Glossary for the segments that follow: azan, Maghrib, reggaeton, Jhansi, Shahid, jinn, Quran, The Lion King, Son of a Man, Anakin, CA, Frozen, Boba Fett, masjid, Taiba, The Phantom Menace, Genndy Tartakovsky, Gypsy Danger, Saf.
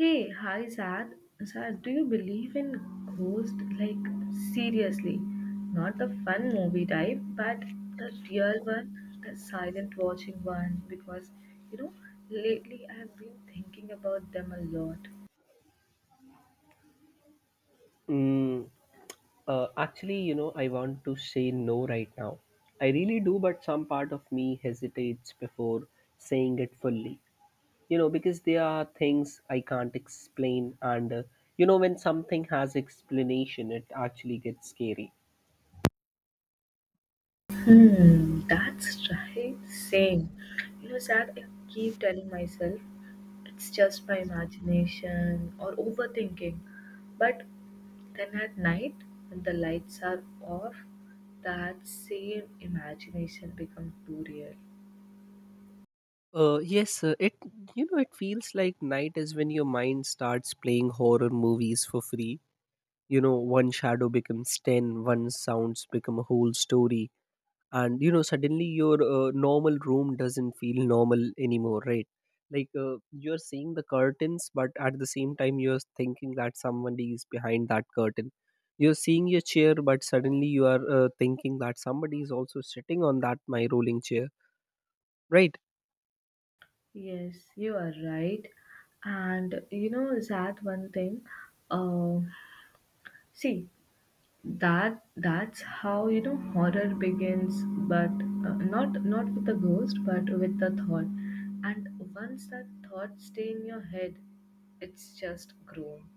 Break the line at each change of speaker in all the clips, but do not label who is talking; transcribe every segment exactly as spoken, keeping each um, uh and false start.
Hey, hi Sad. Sad, do you believe in ghost? Like seriously, not the fun movie type, but the real one, the silent watching one. Because you know, lately I've been thinking about them a lot.
Mm, uh, actually, you know, I want to say no right now. I really do, but some part of me hesitates before saying it fully. You know, because there are things I can't explain, and uh, you know, when something has explanation, it actually gets scary.
Hmm, that's right. Same. You know, Sad, I keep telling myself it's just my imagination or overthinking. But then at night, when the lights are off, that same imagination becomes too real.
Uh, yes, uh, it you know it feels like night is when your mind starts playing horror movies for free. You know, one shadow becomes ten, one sounds become a whole story, and you know suddenly your uh, normal room doesn't feel normal anymore, right? Like uh, you're seeing the curtains, but at the same time you're thinking that somebody is behind that curtain. You're seeing your chair, but suddenly you are uh, thinking that somebody is also sitting on that my rolling chair, right?
Yes, you are right. And you know, Zad, one thing. Uh, see, that that's how you know horror begins, but uh, not not with a ghost but with the thought. And once that thought stay in your head, it's just grown.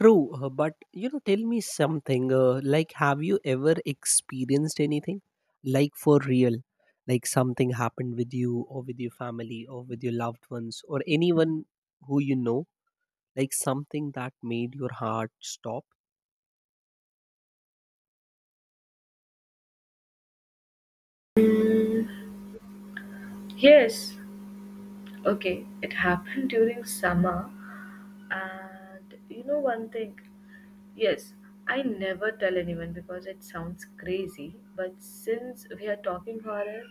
True, uh, but you know, tell me something. Uh, like, have you ever experienced anything, like for real, like something happened with you or with your family or with your loved ones or anyone who you know, like something that made your heart stop?
Mm, yes, okay, it happened during summer. And you know one thing, yes, I never tell anyone because it sounds crazy, but since we are talking horror,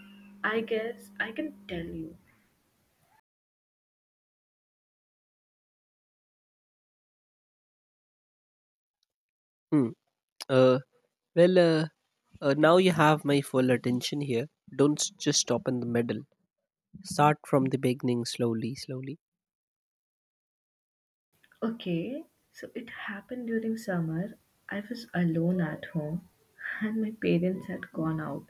I guess I can tell you.
Hmm. Uh, well, uh, uh, now you have my full attention here. Don't s- Just stop in the middle. Start from the beginning slowly, slowly.
Okay, so it happened during summer. I was alone at home and my parents had gone out.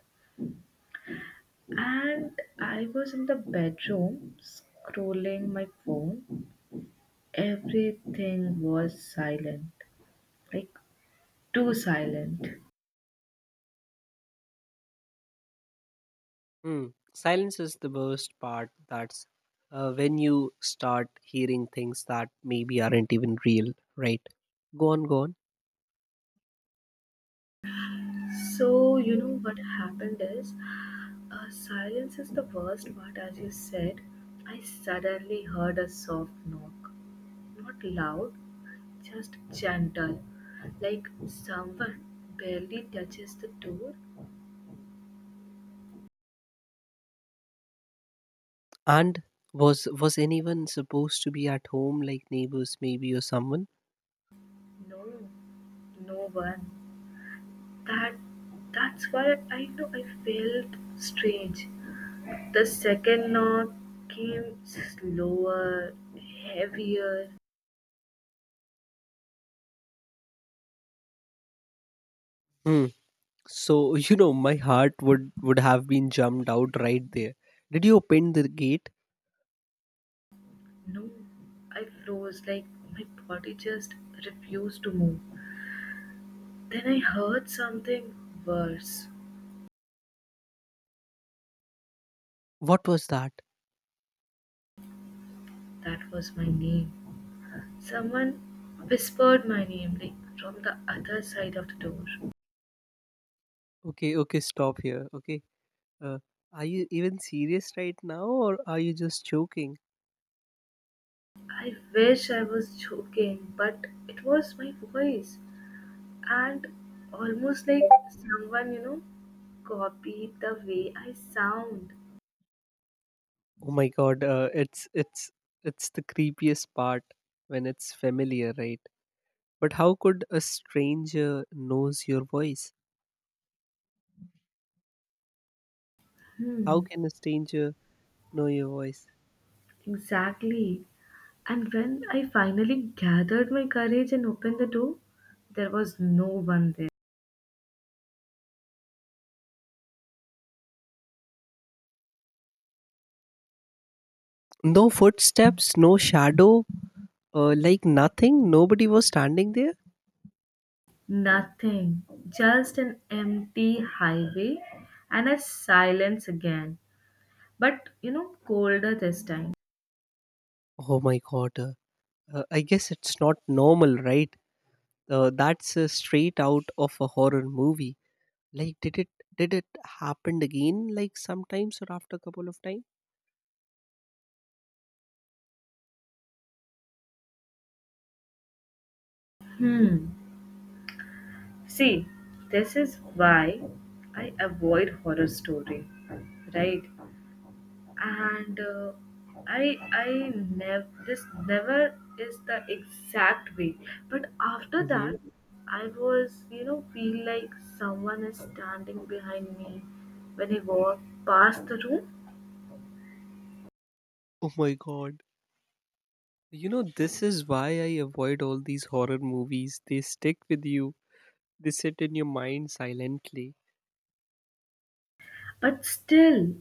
And I was in the bedroom scrolling my phone. Everything was silent, like too silent.
Mm. Silence is the worst part. That's uh, when you start hearing things that maybe aren't even real, right? Go on, go on.
So, you know what happened is, uh, silence is the worst part, as you said. I suddenly heard a soft knock. Not loud, just gentle. Like someone barely touches the door.
And was was anyone supposed to be at home, like neighbors, maybe, or someone?
No, no one. That that's why I know I felt strange. The second knock came slower, heavier.
Mm. So you know, my heart would would have been jumped out right there. Did you open the gate?
No, I froze, like my body just refused to move. Then I heard something worse.
What was that?
That was my name. Someone whispered my name, like from the other side of the door.
Okay, okay, stop here. Okay, uh, are you even serious right now, or are you just joking?
I wish I was joking, but it was my voice. And almost like someone, you know, copied the way I sound.
Oh my god, uh, it's it's it's the creepiest part when it's familiar, right? But how could a stranger knows your voice? How
Hmm,
can a stranger know your voice?
exactly. And when I finally gathered my courage and opened the door, there was no one there.
No footsteps, no shadow, uh, like nothing. Nobody was standing there.
Nothing, just an empty highway and a silence again, but you know, colder this time.
Oh my god. Uh, uh, I guess it's not normal, right? Uh, that's uh, Straight out of a horror movie. Like, did it did it happen again? Like sometimes or after a couple of times?
Hmm. See, this is why I avoid horror story, right? And uh, I I never, this never is the exact way. But after
Hmm.
that, I was, you know feel like someone is standing behind me when I walk past the room.
Oh my god. You know, this is why I avoid all these horror movies. They stick with you, they sit in your mind silently.
But still,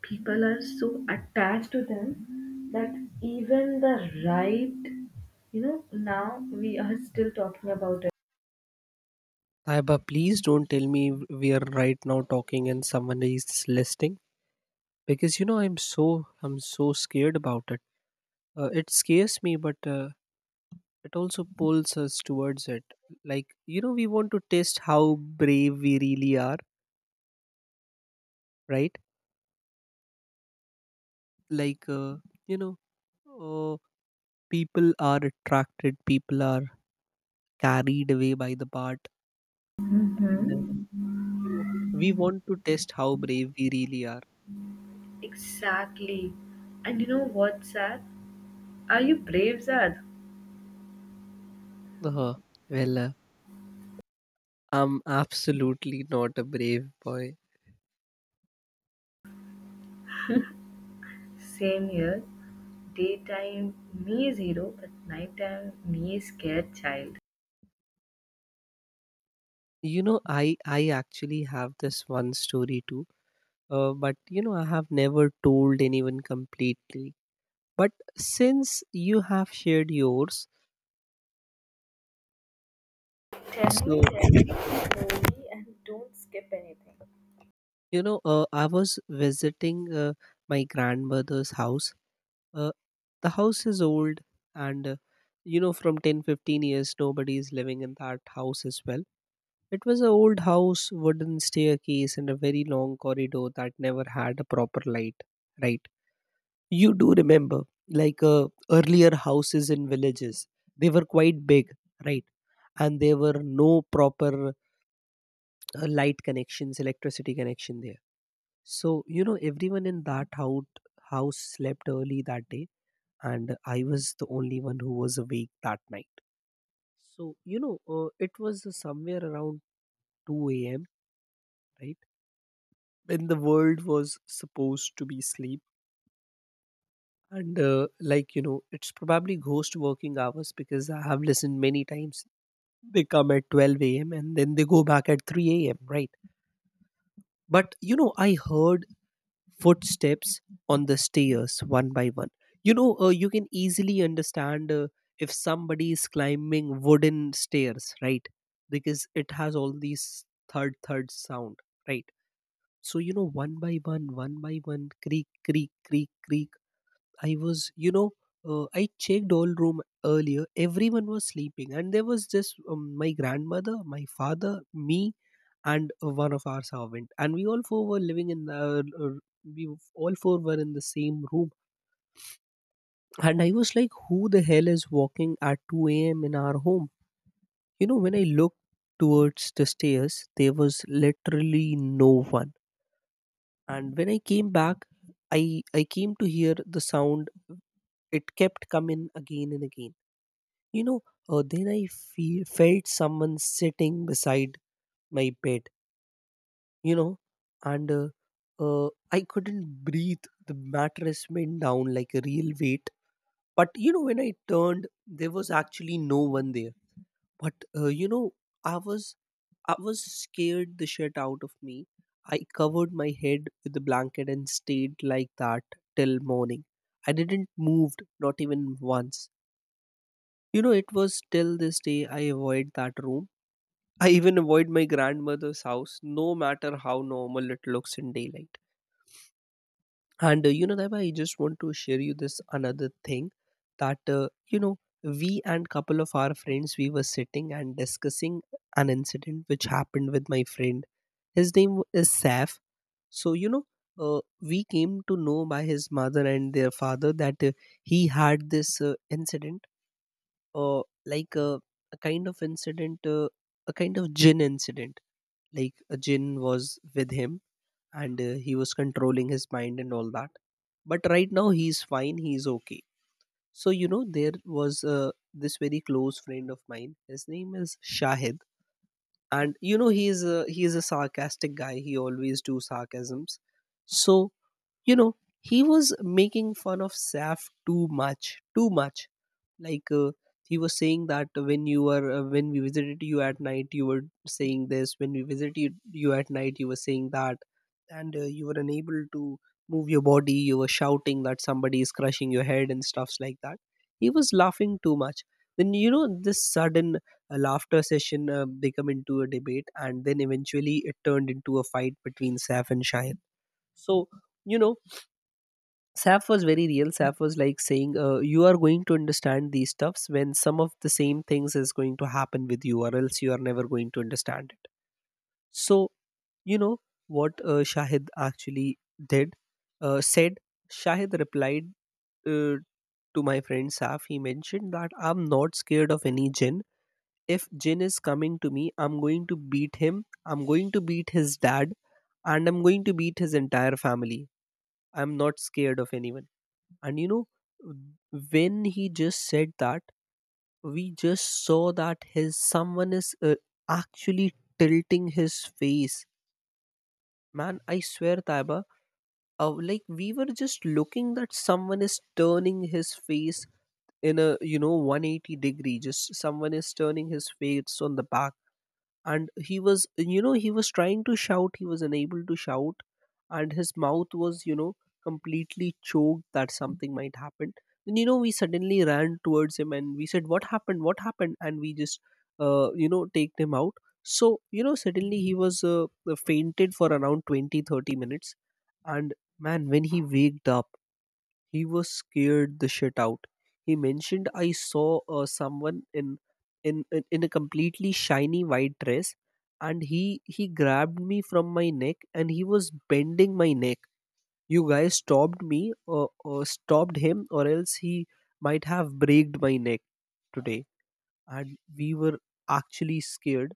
people are so attached to them that even the right, you know now we are still talking about it.
Taiba, please don't tell me we are right now talking and someone is listening, because you know I'm so I'm so scared about it. Uh, it scares me, but uh, it also pulls us towards it. Like you know, we want to test how brave we really are, right? Like uh, you know, uh, people are attracted, people are carried away by the part, and uh,
Mm-hmm.
you know we want to test how brave we really are.
Exactly. And you know what's sad? Are you brave, Zad?
Oh, well, uh, I'm absolutely not a brave boy.
Same here. Daytime me is hero, but nighttime me is scared child.
You know, I I actually have this one story too. Uh, but you know, I have never told anyone completely. But since you have shared yours,
Tell me,
so
tell me slowly and don't skip anything.
you know, uh, I was visiting uh, my grandmother's house. Uh, the house is old, and uh, you know, from ten fifteen years, nobody is living in that house as well. It was an old house, wooden staircase, and a very long corridor that never had a proper light. Right. You do remember, like uh, earlier houses in villages, they were quite big, right? And there were no proper uh, light connections, electricity connection there. So, you know, everyone in that house, house slept early that day, and I was the only one who was awake that night. So, you know, uh, it was somewhere around two a.m. Right? When the world was supposed to be sleep, and uh, like you know it's probably ghost working hours, because I have listened many times they come at twelve a.m. and then they go back at three a.m., right? But you know I heard footsteps on the stairs one by one. You know uh, you can easily understand uh, if somebody is climbing wooden stairs, right? Because it has all these third third sound, right? So you know one by one, one by one creak, creak, creak, creak. I was, you know, uh, I checked all room earlier. Everyone was sleeping, and there was just um, my grandmother, my father, me, and uh, one of our servant, and we all four were living in the. Uh, we all four were in the same room, and I was like, "Who the hell is walking at two a m in our home?" You know, when I looked towards the stairs, there was literally no one, and when I came back, I I came to hear the sound. It kept coming again and again. You know, uh, then I feel, felt someone sitting beside my bed, you know, and uh, uh, I couldn't breathe. The mattress went down like a real weight. But, you know, when I turned, there was actually no one there. But, uh, you know, I was. I was scared the shit out of me. I covered my head with the blanket and stayed like that till morning. I didn't move, not even once. You know, it was till this day I avoid that room. I even avoid my grandmother's house, no matter how normal it looks in daylight. And uh, you know, Daiba, I just want to share you this another thing, that uh, you know we and couple of our friends we were sitting and discussing an incident which happened with my friend. His name is Saf. So you know, uh, we came to know by his mother and their father that uh, he had this uh, incident, uh, like uh, a kind of incident, uh, a kind of gin incident, like a jinn was with him, and uh, he was controlling his mind and all that. But right now he's fine, he's okay. So you know, there was uh, this very close friend of mine, his name is Shahid. And you know, he is a, he is a sarcastic guy, he always do sarcasms. So you know, he was making fun of Saf too much, too much. Like uh, he was saying that when you were uh, when we visited you at night you were saying this when we visited you, you at night you were saying that, and uh, you were unable to move your body, you were shouting that somebody is crushing your head and stuffs like that. He was laughing too much. Then you know, this sudden uh, laughter session uh, become into a debate, and then eventually it turned into a fight between Saf and Shahin. So you know, Saf was very real. Saf was like saying, uh, "You are going to understand these stuffs when some of the same things is going to happen with you, or else you are never going to understand it." So you know what uh, Shahid actually did, uh, said. Shahid replied uh, to my friend Saf. He mentioned that I'm not scared of any jinn. If jinn is coming to me, I'm going to beat him. I'm going to beat his dad, and I'm going to beat his entire family. I'm not scared of anyone. And you know, when he just said that, we just saw that his someone is uh, actually tilting his face. Man, I swear, Taiba, uh, like we were just looking that someone is turning his face in a you know one hundred eighty degree. Just someone is turning his face on the back, and he was you know he was trying to shout, he was unable to shout, and his mouth was you know completely choked, that something might happen. Then you know, we suddenly ran towards him and we said what happened, what happened and we just uh, you know take him out. So you know, suddenly he was uh, fainted for around twenty, thirty minutes. And man, when he waked up, he was scared the shit out. He mentioned I saw uh, someone in, in in in a completely shiny white dress, and he he grabbed me from my neck and he was bending my neck. You guys stopped me, or, or stopped him, or else he might have breaked my neck today. And we were actually scared.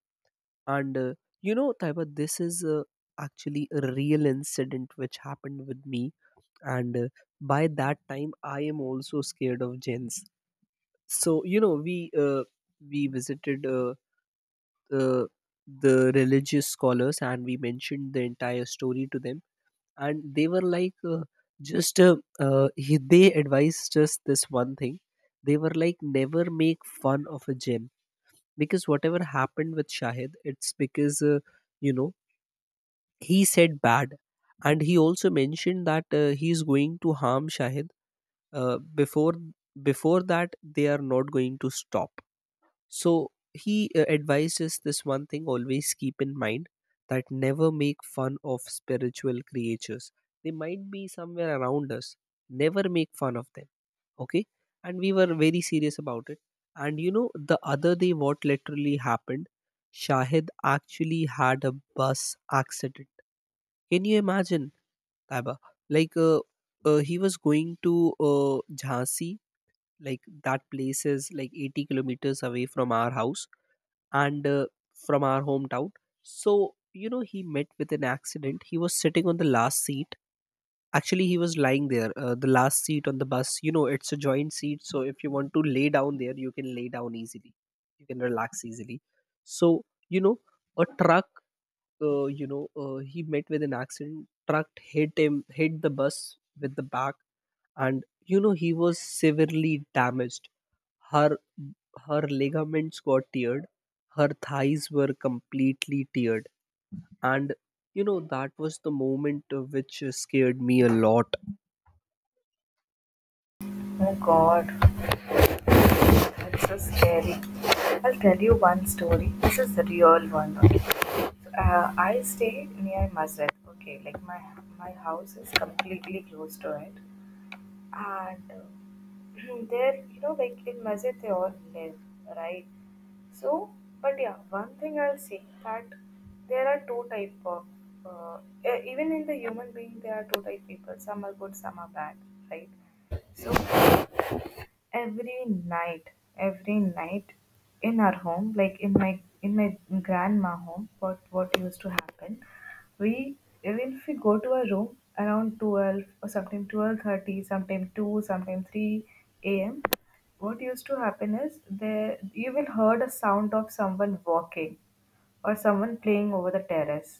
And uh, You know, Taiba, this is uh, actually a real incident which happened with me and uh, by that time I am also scared of jinns. So you know we uh, we visited uh, the the religious scholars and we mentioned the entire story to them. And they were like uh, just uh, uh, he, they advised us this one thing. They were like, never make fun of a jinn because whatever happened with Shahid, it's because uh, you know he said bad. And he also mentioned that uh, he is going to harm Shahid. Uh, before before that, they are not going to stop. So he uh, advised us this one thing, always keep in mind that never make fun of spiritual creatures. They might be somewhere around us. Never make fun of them, okay? And we were very serious about it. And you know, the other day what literally happened, Shahid actually had a bus accident. Can you imagine, Taiba? like uh, uh, he was going to uh, Jhansi. Like, that place is like eighty kilometers away from our house, and uh, from our hometown. So you know, he met with an accident. He was sitting on the last seat. Actually, he was lying there, uh, the last seat on the bus. You know, it's a joint seat, so if you want to lay down there, you can lay down easily, you can relax easily. So you know, a truck, uh, you know uh, he met with an accident. Truck hit him, hit the bus with the back. And you know, he was severely damaged. Her, her ligaments got teared, her thighs were completely teared, and you know, that was the moment uh, which uh, scared me a lot.
Oh god, that's so scary. I'll tell you one story. This is the real one. Okay. Uh, I stay near masjid. Okay, like my my house is completely close to it. And uh, there, you know like in masjid they all live, right? So, but yeah, one thing I'll say that there are two type of uh, e- even in the human being there are two type people, some are good, some are bad, right? So every night, every night, in our home, like in my in my grandma home, what what used to happen, we even if we go to a room around twelve, or sometimes twelve thirty, sometimes two, sometimes three a.m, what used to happen is there you will heard a sound of someone walking, or someone playing over the terrace,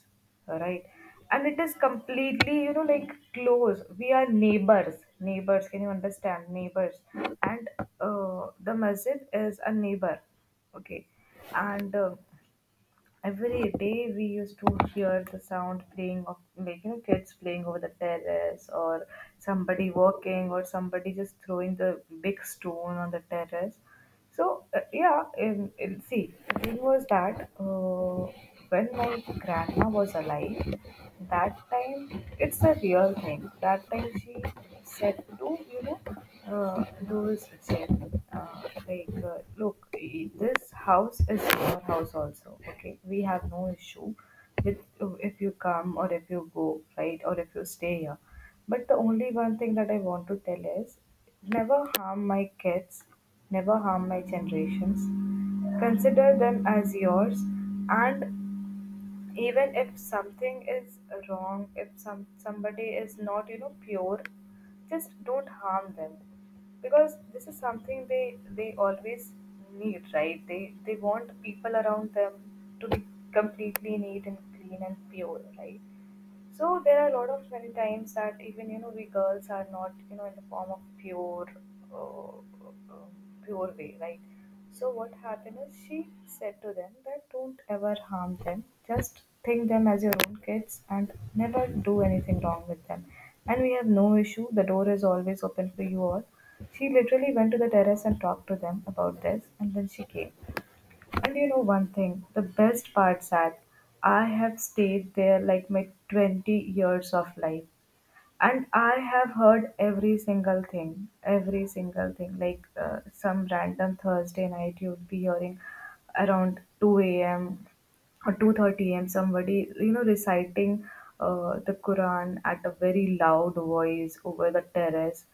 right? And it is completely, you know like close, we are neighbors, neighbors, can you understand, neighbors? And uh, the masjid is a neighbor. Okay. And uh, every day we used to hear the sound playing of, like, you know kids playing over the terrace, or somebody walking, or somebody just throwing the big stone on the terrace. So, uh, yeah, in, in see, the thing was that, uh, when my grandma was alive, that time it's a real thing. That time she said to, you know uh, those gen uh, like, uh, look, i- this house is your house also. Okay, we have no issue with, if you come or if you go, right, or if you stay here. But the is never harm my kids, never harm my generations. Consider them as yours, and even if something is wrong, if some somebody is not, you know, pure, just don't harm them, because this is something they they always need, right? They they want people around them to be completely neat and clean and pure, right? So there are a lot of many times that we go, uh, uh, uh, like, so, Said, don't ever them, just think your kids and never do anything wrong with them. And we have no issue, the door is always open for you all. She literally went to the terrace and talked to them about this, and then she came. And you know one thing, the best part, Sad, I have stayed there like my twenty years of life. And I have heard every single thing, every single thing, like, uh, some random Thursday night you'd be hearing around two a.m or two thirty a m somebody, you know reciting uh, the Quran at a very loud voice over the terrace.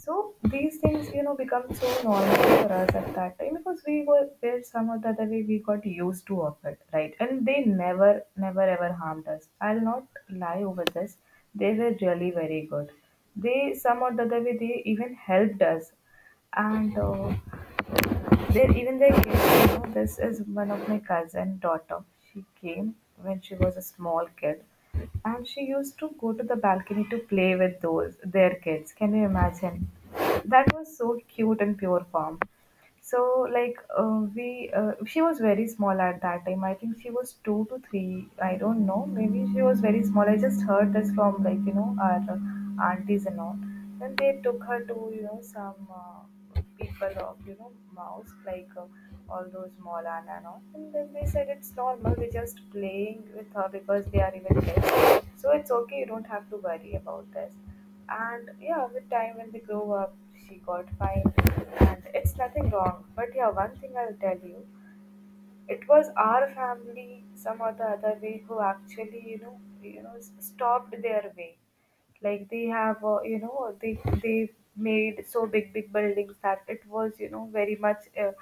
So these things, you know, become so normal for us at that time, because we were there, some or the other way we got used to of it, right? And they never, never ever harmed us. I'll not lie over this. They were really very good. They, some or the other way, they even helped us. And uh, there, even there is, you know, this is one of my cousin daughter. She came when she was a small kid, and she used to go to the balcony to play with those their kids. Can you imagine? That was so cute and pure form. So, like, uh, we uh, she was very small at that time. I think she was two to three. I don't know. Maybe she was very small. I just heard this from, like, you know, our uh, aunties and all, and they took her to, you know some uh, people of, you know mouse, like uh, all those mall and and all, and then they said it's normal, they're just playing with her because they are even less, so it's okay, you don't have to worry about this. And yeah, with time when they grow up, she got fine, and it's nothing wrong. But yeah, one thing I'll tell you, it was our family, some or the other way, who actually, you know you know s- stopped their way. Like they have, uh, you know they they made so big big buildings that it was, you know very much uh,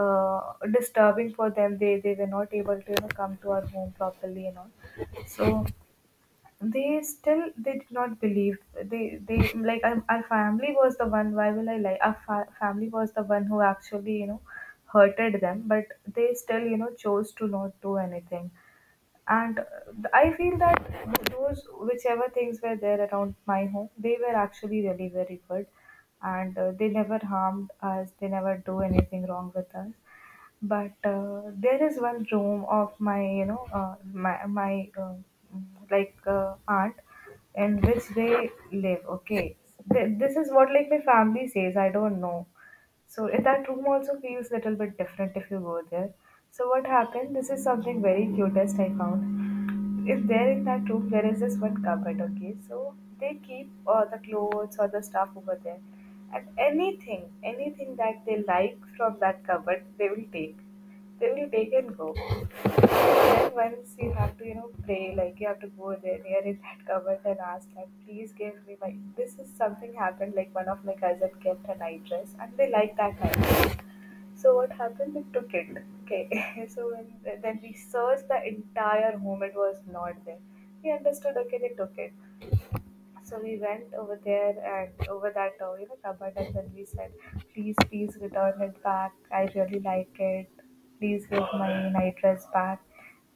uh, disturbing for them, they they were not able to, you know come to our home properly and all. So they still they did not believe, they they like our, our family was the one, why will I lie, our fa- family was the one who actually, you know hurted them, but they still, you know chose to not do anything. And uh, I feel that those whichever things were there around my home, they were actually really very good. And uh, they never harmed us, they never do anything wrong with us. But uh, there is one room of my, you know, uh, my my uh, like uh, aunt, in which they live. Okay, Th- this is what like my family says. I don't know. So, eh, that room also feels little bit different if you go there. So what happened? This is something very cutest I found, if they're in that room, there is this one cupboard, okay? So they keep all the clothes or the stuff over there. And anything, anything that they like from that cupboard, they will take. They will take and go. Then once you have to, you know, pray, like you have to go there near in that cupboard and ask, like, please give me my, this is something happened, like one of my cousin kept a night dress and they like that night dress. So what happened? We took it. Okay. So when, then we searched the entire home, it was not there. We understood. Okay, they took it. So we went over there and over that, uh, you know cupboard, and then we said, please, please return it back. I really like it. Please give my night dress back.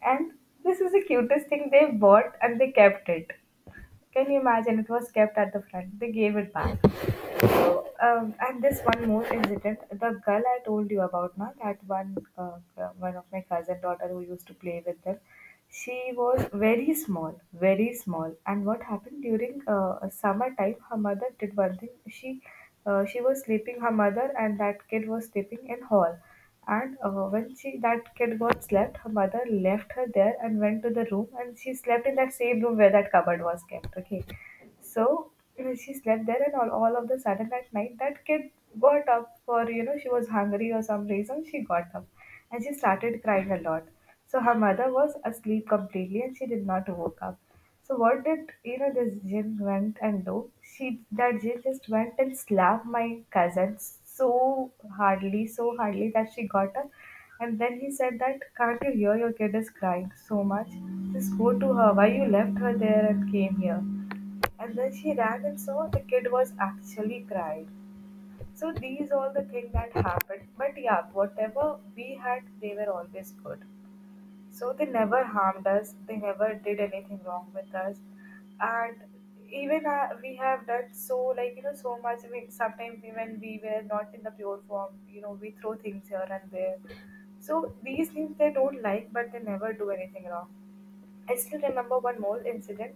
And this is the cutest thing, they bought and they kept it. Can you imagine? It was kept at the front. They gave it back. Um, and this one more incident, the girl I told you about, now that one, uh, one of my cousin daughter who used to play with them, she was very small, very small. And what happened during uh, summer time, her mother did one thing. She, uh, she was sleeping, her mother and that kid was sleeping in hall. And uh, when she that kid got slept, her mother left her there and went to the room, and she slept in that same room where that cupboard was kept. Okay, so uh, she slept there, and all, all of the sudden at night, that kid got up for, you know, she was hungry or some reason, she got up and she started crying a lot. So her mother was asleep completely and she did not woke up. So what did, you know, this jinn went and do? She, that jinn just went and slapped my cousin so hardly, so hardly that she got up. And then he said that, can't you hear your kid is crying so much? Just go to her. Why you left her there and came here? And then she ran and saw the kid was actually crying. So these all the things that happened. But yeah, whatever we had, they were always good. So they never harmed us. They never did anything wrong with us. And even uh, we have done so like you know so much. We sometimes even we were not in the pure form. You know we throw things here and there. So these things they don't like, but they never do anything wrong. I still remember one more incident.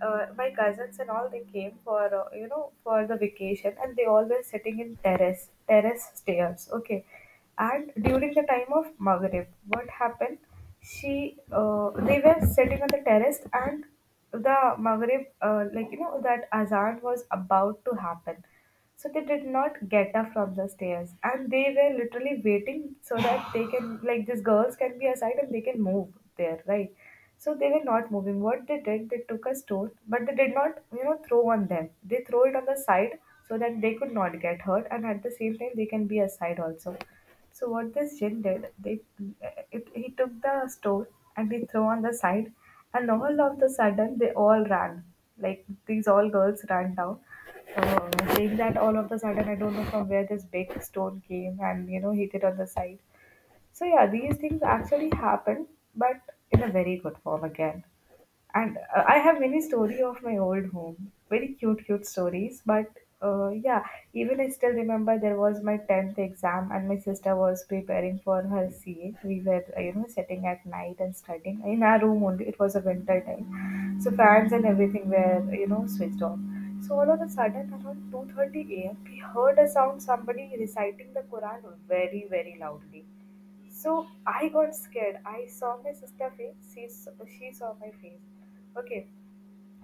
Uh, my cousins and all they came for uh, you know for the vacation, and they all were sitting in terrace terrace stairs. Okay, and during the time of Maghrib, what happened? She uh, they were sitting on the terrace, and the Maghrib uh, like you know that azan was about to happen. So they did not get up from the stairs, and they were literally waiting so that they can, like, these girls can be aside and they can move there, right? So they were not moving. What they did, they took a stone, but they did not, you know, throw on them. They throw it on the side so that they could not get hurt, and at the same time they can be aside also. So what this jinn did, they it, he took the stone and he threw on the side, and all of the sudden they all ran. Like these all girls ran down, uh, saying that all of the sudden I don't know from where this big stone came, and you know hit it on the side. So yeah, these things actually happen, but in a very good form again. And uh, I have many story of my old home, very cute, cute stories. But uh, yeah, even I still remember there was my tenth exam, and my sister was preparing for her C A. We were uh, you know sitting at night and studying in our room only. It was a winter time, so fans and everything were you know switched off. So all of a sudden, around two thirty a m, we heard a sound. Somebody reciting the Quran very, very loudly so I got scared. I saw my sister face. She s- she saw my face. Okay,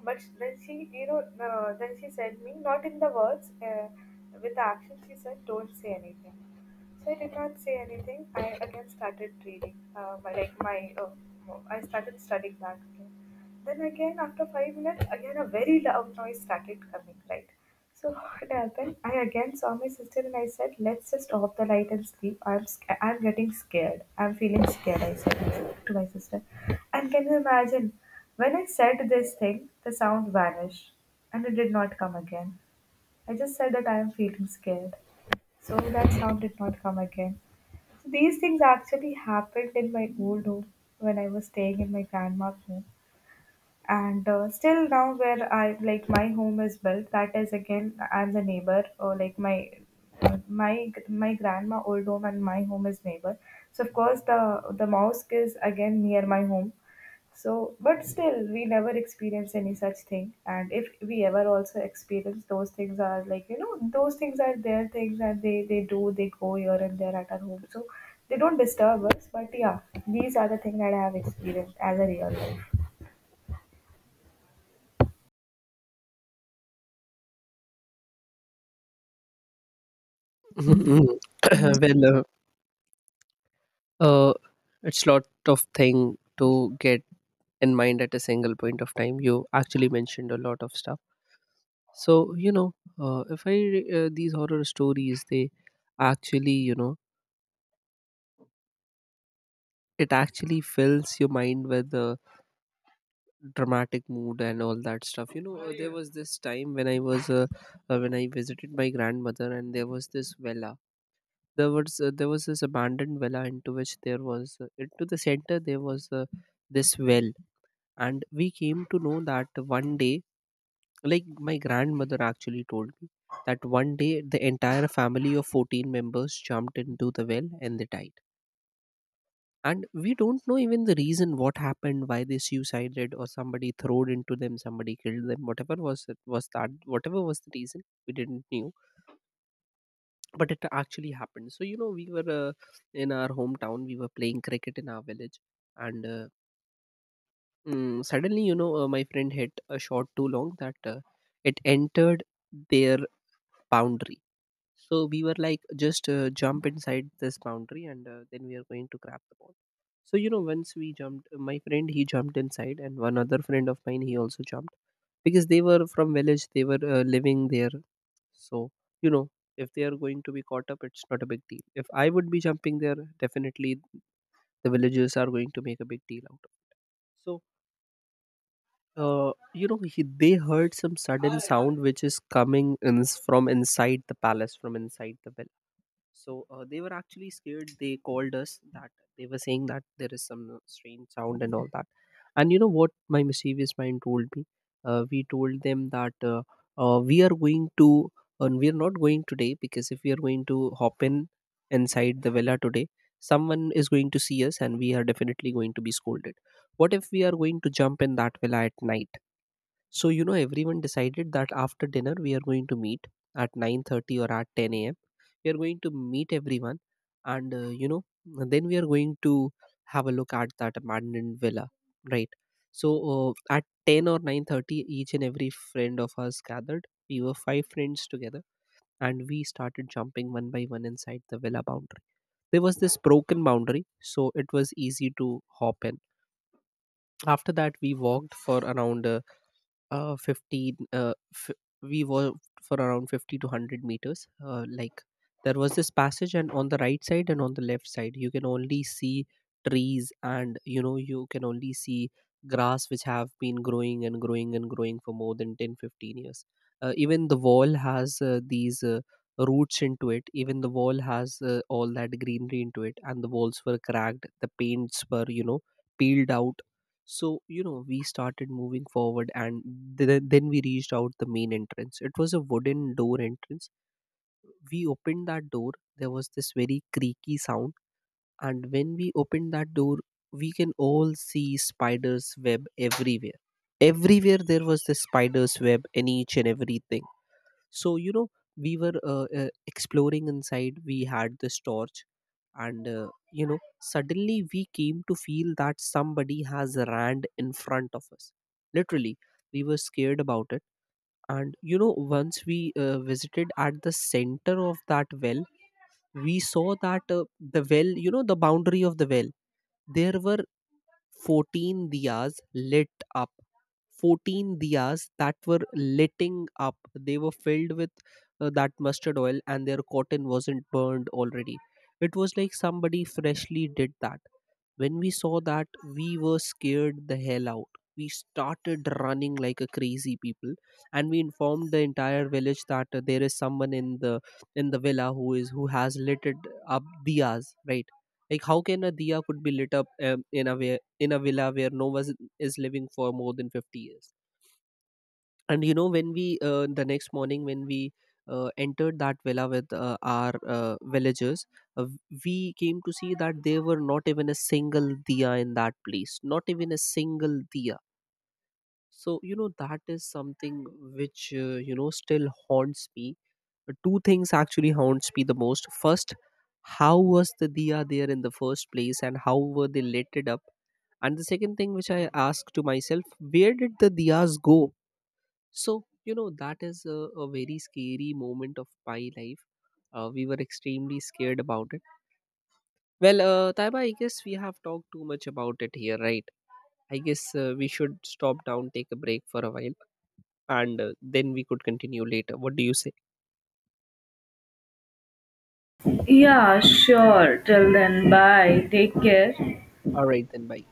but then she, you know, uh, then she said me not in the words. Uh, with the action, she said, "Don't say anything." So I did not say anything. I again started reading. Uh, my, like my, uh, I started studying back again. Then again, after five minutes, again a very loud noise started coming. Right. So what happened? I again saw my sister and I said, "Let's just off the light and sleep. I'm sc- I'm getting scared. I'm feeling scared." I said to my sister. And can you imagine? When I said this thing, the sound vanished, and it did not come again. I just said that I am feeling scared. So that sound did not come again. So these things actually happened in my old home when I was staying in my grandma's home. And uh, still now, where I like my home is built, that is again, I'm the neighbor, or like my my my grandma old home and my home is neighbor. So of course the the mosque is again near my home. So, but still, we never experience any such thing. And if we ever also experience those things, are like you know, those things are their things, and they they do they go here and there at our home, so they don't disturb us. But yeah, these are the things that I have experienced as a real life.
Mhm. Well, uh, uh, it's lot of thing to get in mind at a single point of time. You actually mentioned a lot of stuff. So you know, uh, if I re- uh, these horror stories, they actually, you know, it actually fills your mind with uh, dramatic mood and all that stuff. You know, uh, there was this time when I was uh, uh, when I visited my grandmother, and there was this villa. There was uh, there was this abandoned villa, into which there was uh, into the center, there was uh, this well. And we came to know that one day, like, my grandmother actually told me that one day, the entire family of fourteen members jumped into the well and they died. And we don't know even the reason what happened, why they suicided, or somebody throwed into them, somebody killed them. Whatever was it was, that whatever was the reason, we didn't knew. But it actually happened. So you know, we were, uh, in our hometown, we were playing cricket in our village, and uh, mm, suddenly, you know, uh, my friend hit a shot too long that uh, it entered their boundary. So we were like, just uh, jump inside this boundary, and uh, then we are going to grab the ball. So, you know, once we jumped, uh, my friend, he jumped inside, and one other friend of mine, he also jumped, because they were from village, they were uh, living there. So, you know, if they are going to be caught up, it's not a big deal. If I would be jumping there, definitely the villagers are going to make a big deal out of it. So, uh, you know, he, they heard some sudden sound which is coming in, s- from inside the palace, from inside the village. So uh, they were actually scared. They called us that they were saying that there is some uh, strange sound and all that. And you know what my mischievous mind told me? Uh, we told them that uh, uh, we are going to, and we are not going today, because if we are going to hop in inside the villa today, someone is going to see us and we are definitely going to be scolded. What if we are going to jump in that villa at night? So you know, everyone decided that after dinner we are going to meet at nine thirty or at ten a m. We are going to meet everyone, and uh, you know, then we are going to have a look at that abandoned villa, right? So uh, at ten or nine thirty, each and every friend of us gathered. We were five friends together, and we started jumping one by one inside the villa boundary. There was this broken boundary, so it was easy to hop in. After that, we walked for around. Uh, uh fifteen uh f- we walked for around fifty to a hundred meters. Uh, like, there was this passage, and on the right side and on the left side, you can only see trees, and you know, you can only see grass which have been growing and growing and growing for more than ten, fifteen years. Uh, even the wall has uh, these uh, roots into it. Even the wall has uh, all that greenery into it, and the walls were cracked, the paints were, you know, peeled out. So you know, we started moving forward, and th- then we reached out the main entrance. It was a wooden door entrance. We opened that door, there was this very creaky sound. And when we opened that door, we can all see spiders web everywhere. Everywhere there was this spiders web in each and everything. So you know, we were uh, uh, exploring inside. We had this torch, and uh, you know, suddenly we came to feel that somebody has ran in front of us, literally. We were scared about it. And you know, once we uh, visited at the center of that well, we saw that uh, the well, you know, the boundary of the well, there were fourteen diyas lit up. fourteen diyas that were litting up. They were filled with uh, that mustard oil, and their cotton wasn't burned already. It was like somebody freshly did that. When we saw that, we were scared the hell out. We started running like a crazy people, and we informed the entire village that uh, there is someone in the in the villa who is who has lit it up diyas, right? Like, how can a diya could be lit up, um, in a way, in a villa where no one is living for more than fifty years? And you know, when we uh, the next morning when we uh, entered that villa with uh, our uh, villagers, uh, we came to see that there were not even a single diya in that place, not even a single diya. So you know, that is something which, uh, you know, still haunts me. Uh, two things actually haunts me the most. First, how was the diya there in the first place, and how were they lit it up? And the second thing which I ask to myself, where did the diyas go? So, you know, that is a, a very scary moment of my life. Uh, we were extremely scared about it. Well, uh, Taiba, I guess we have talked too much about it here, right? I guess uh, we should stop down, take a break for a while, and uh, then we could continue later. What do you say?
Yeah, sure. Till then, bye. Take care.
All right, then, bye.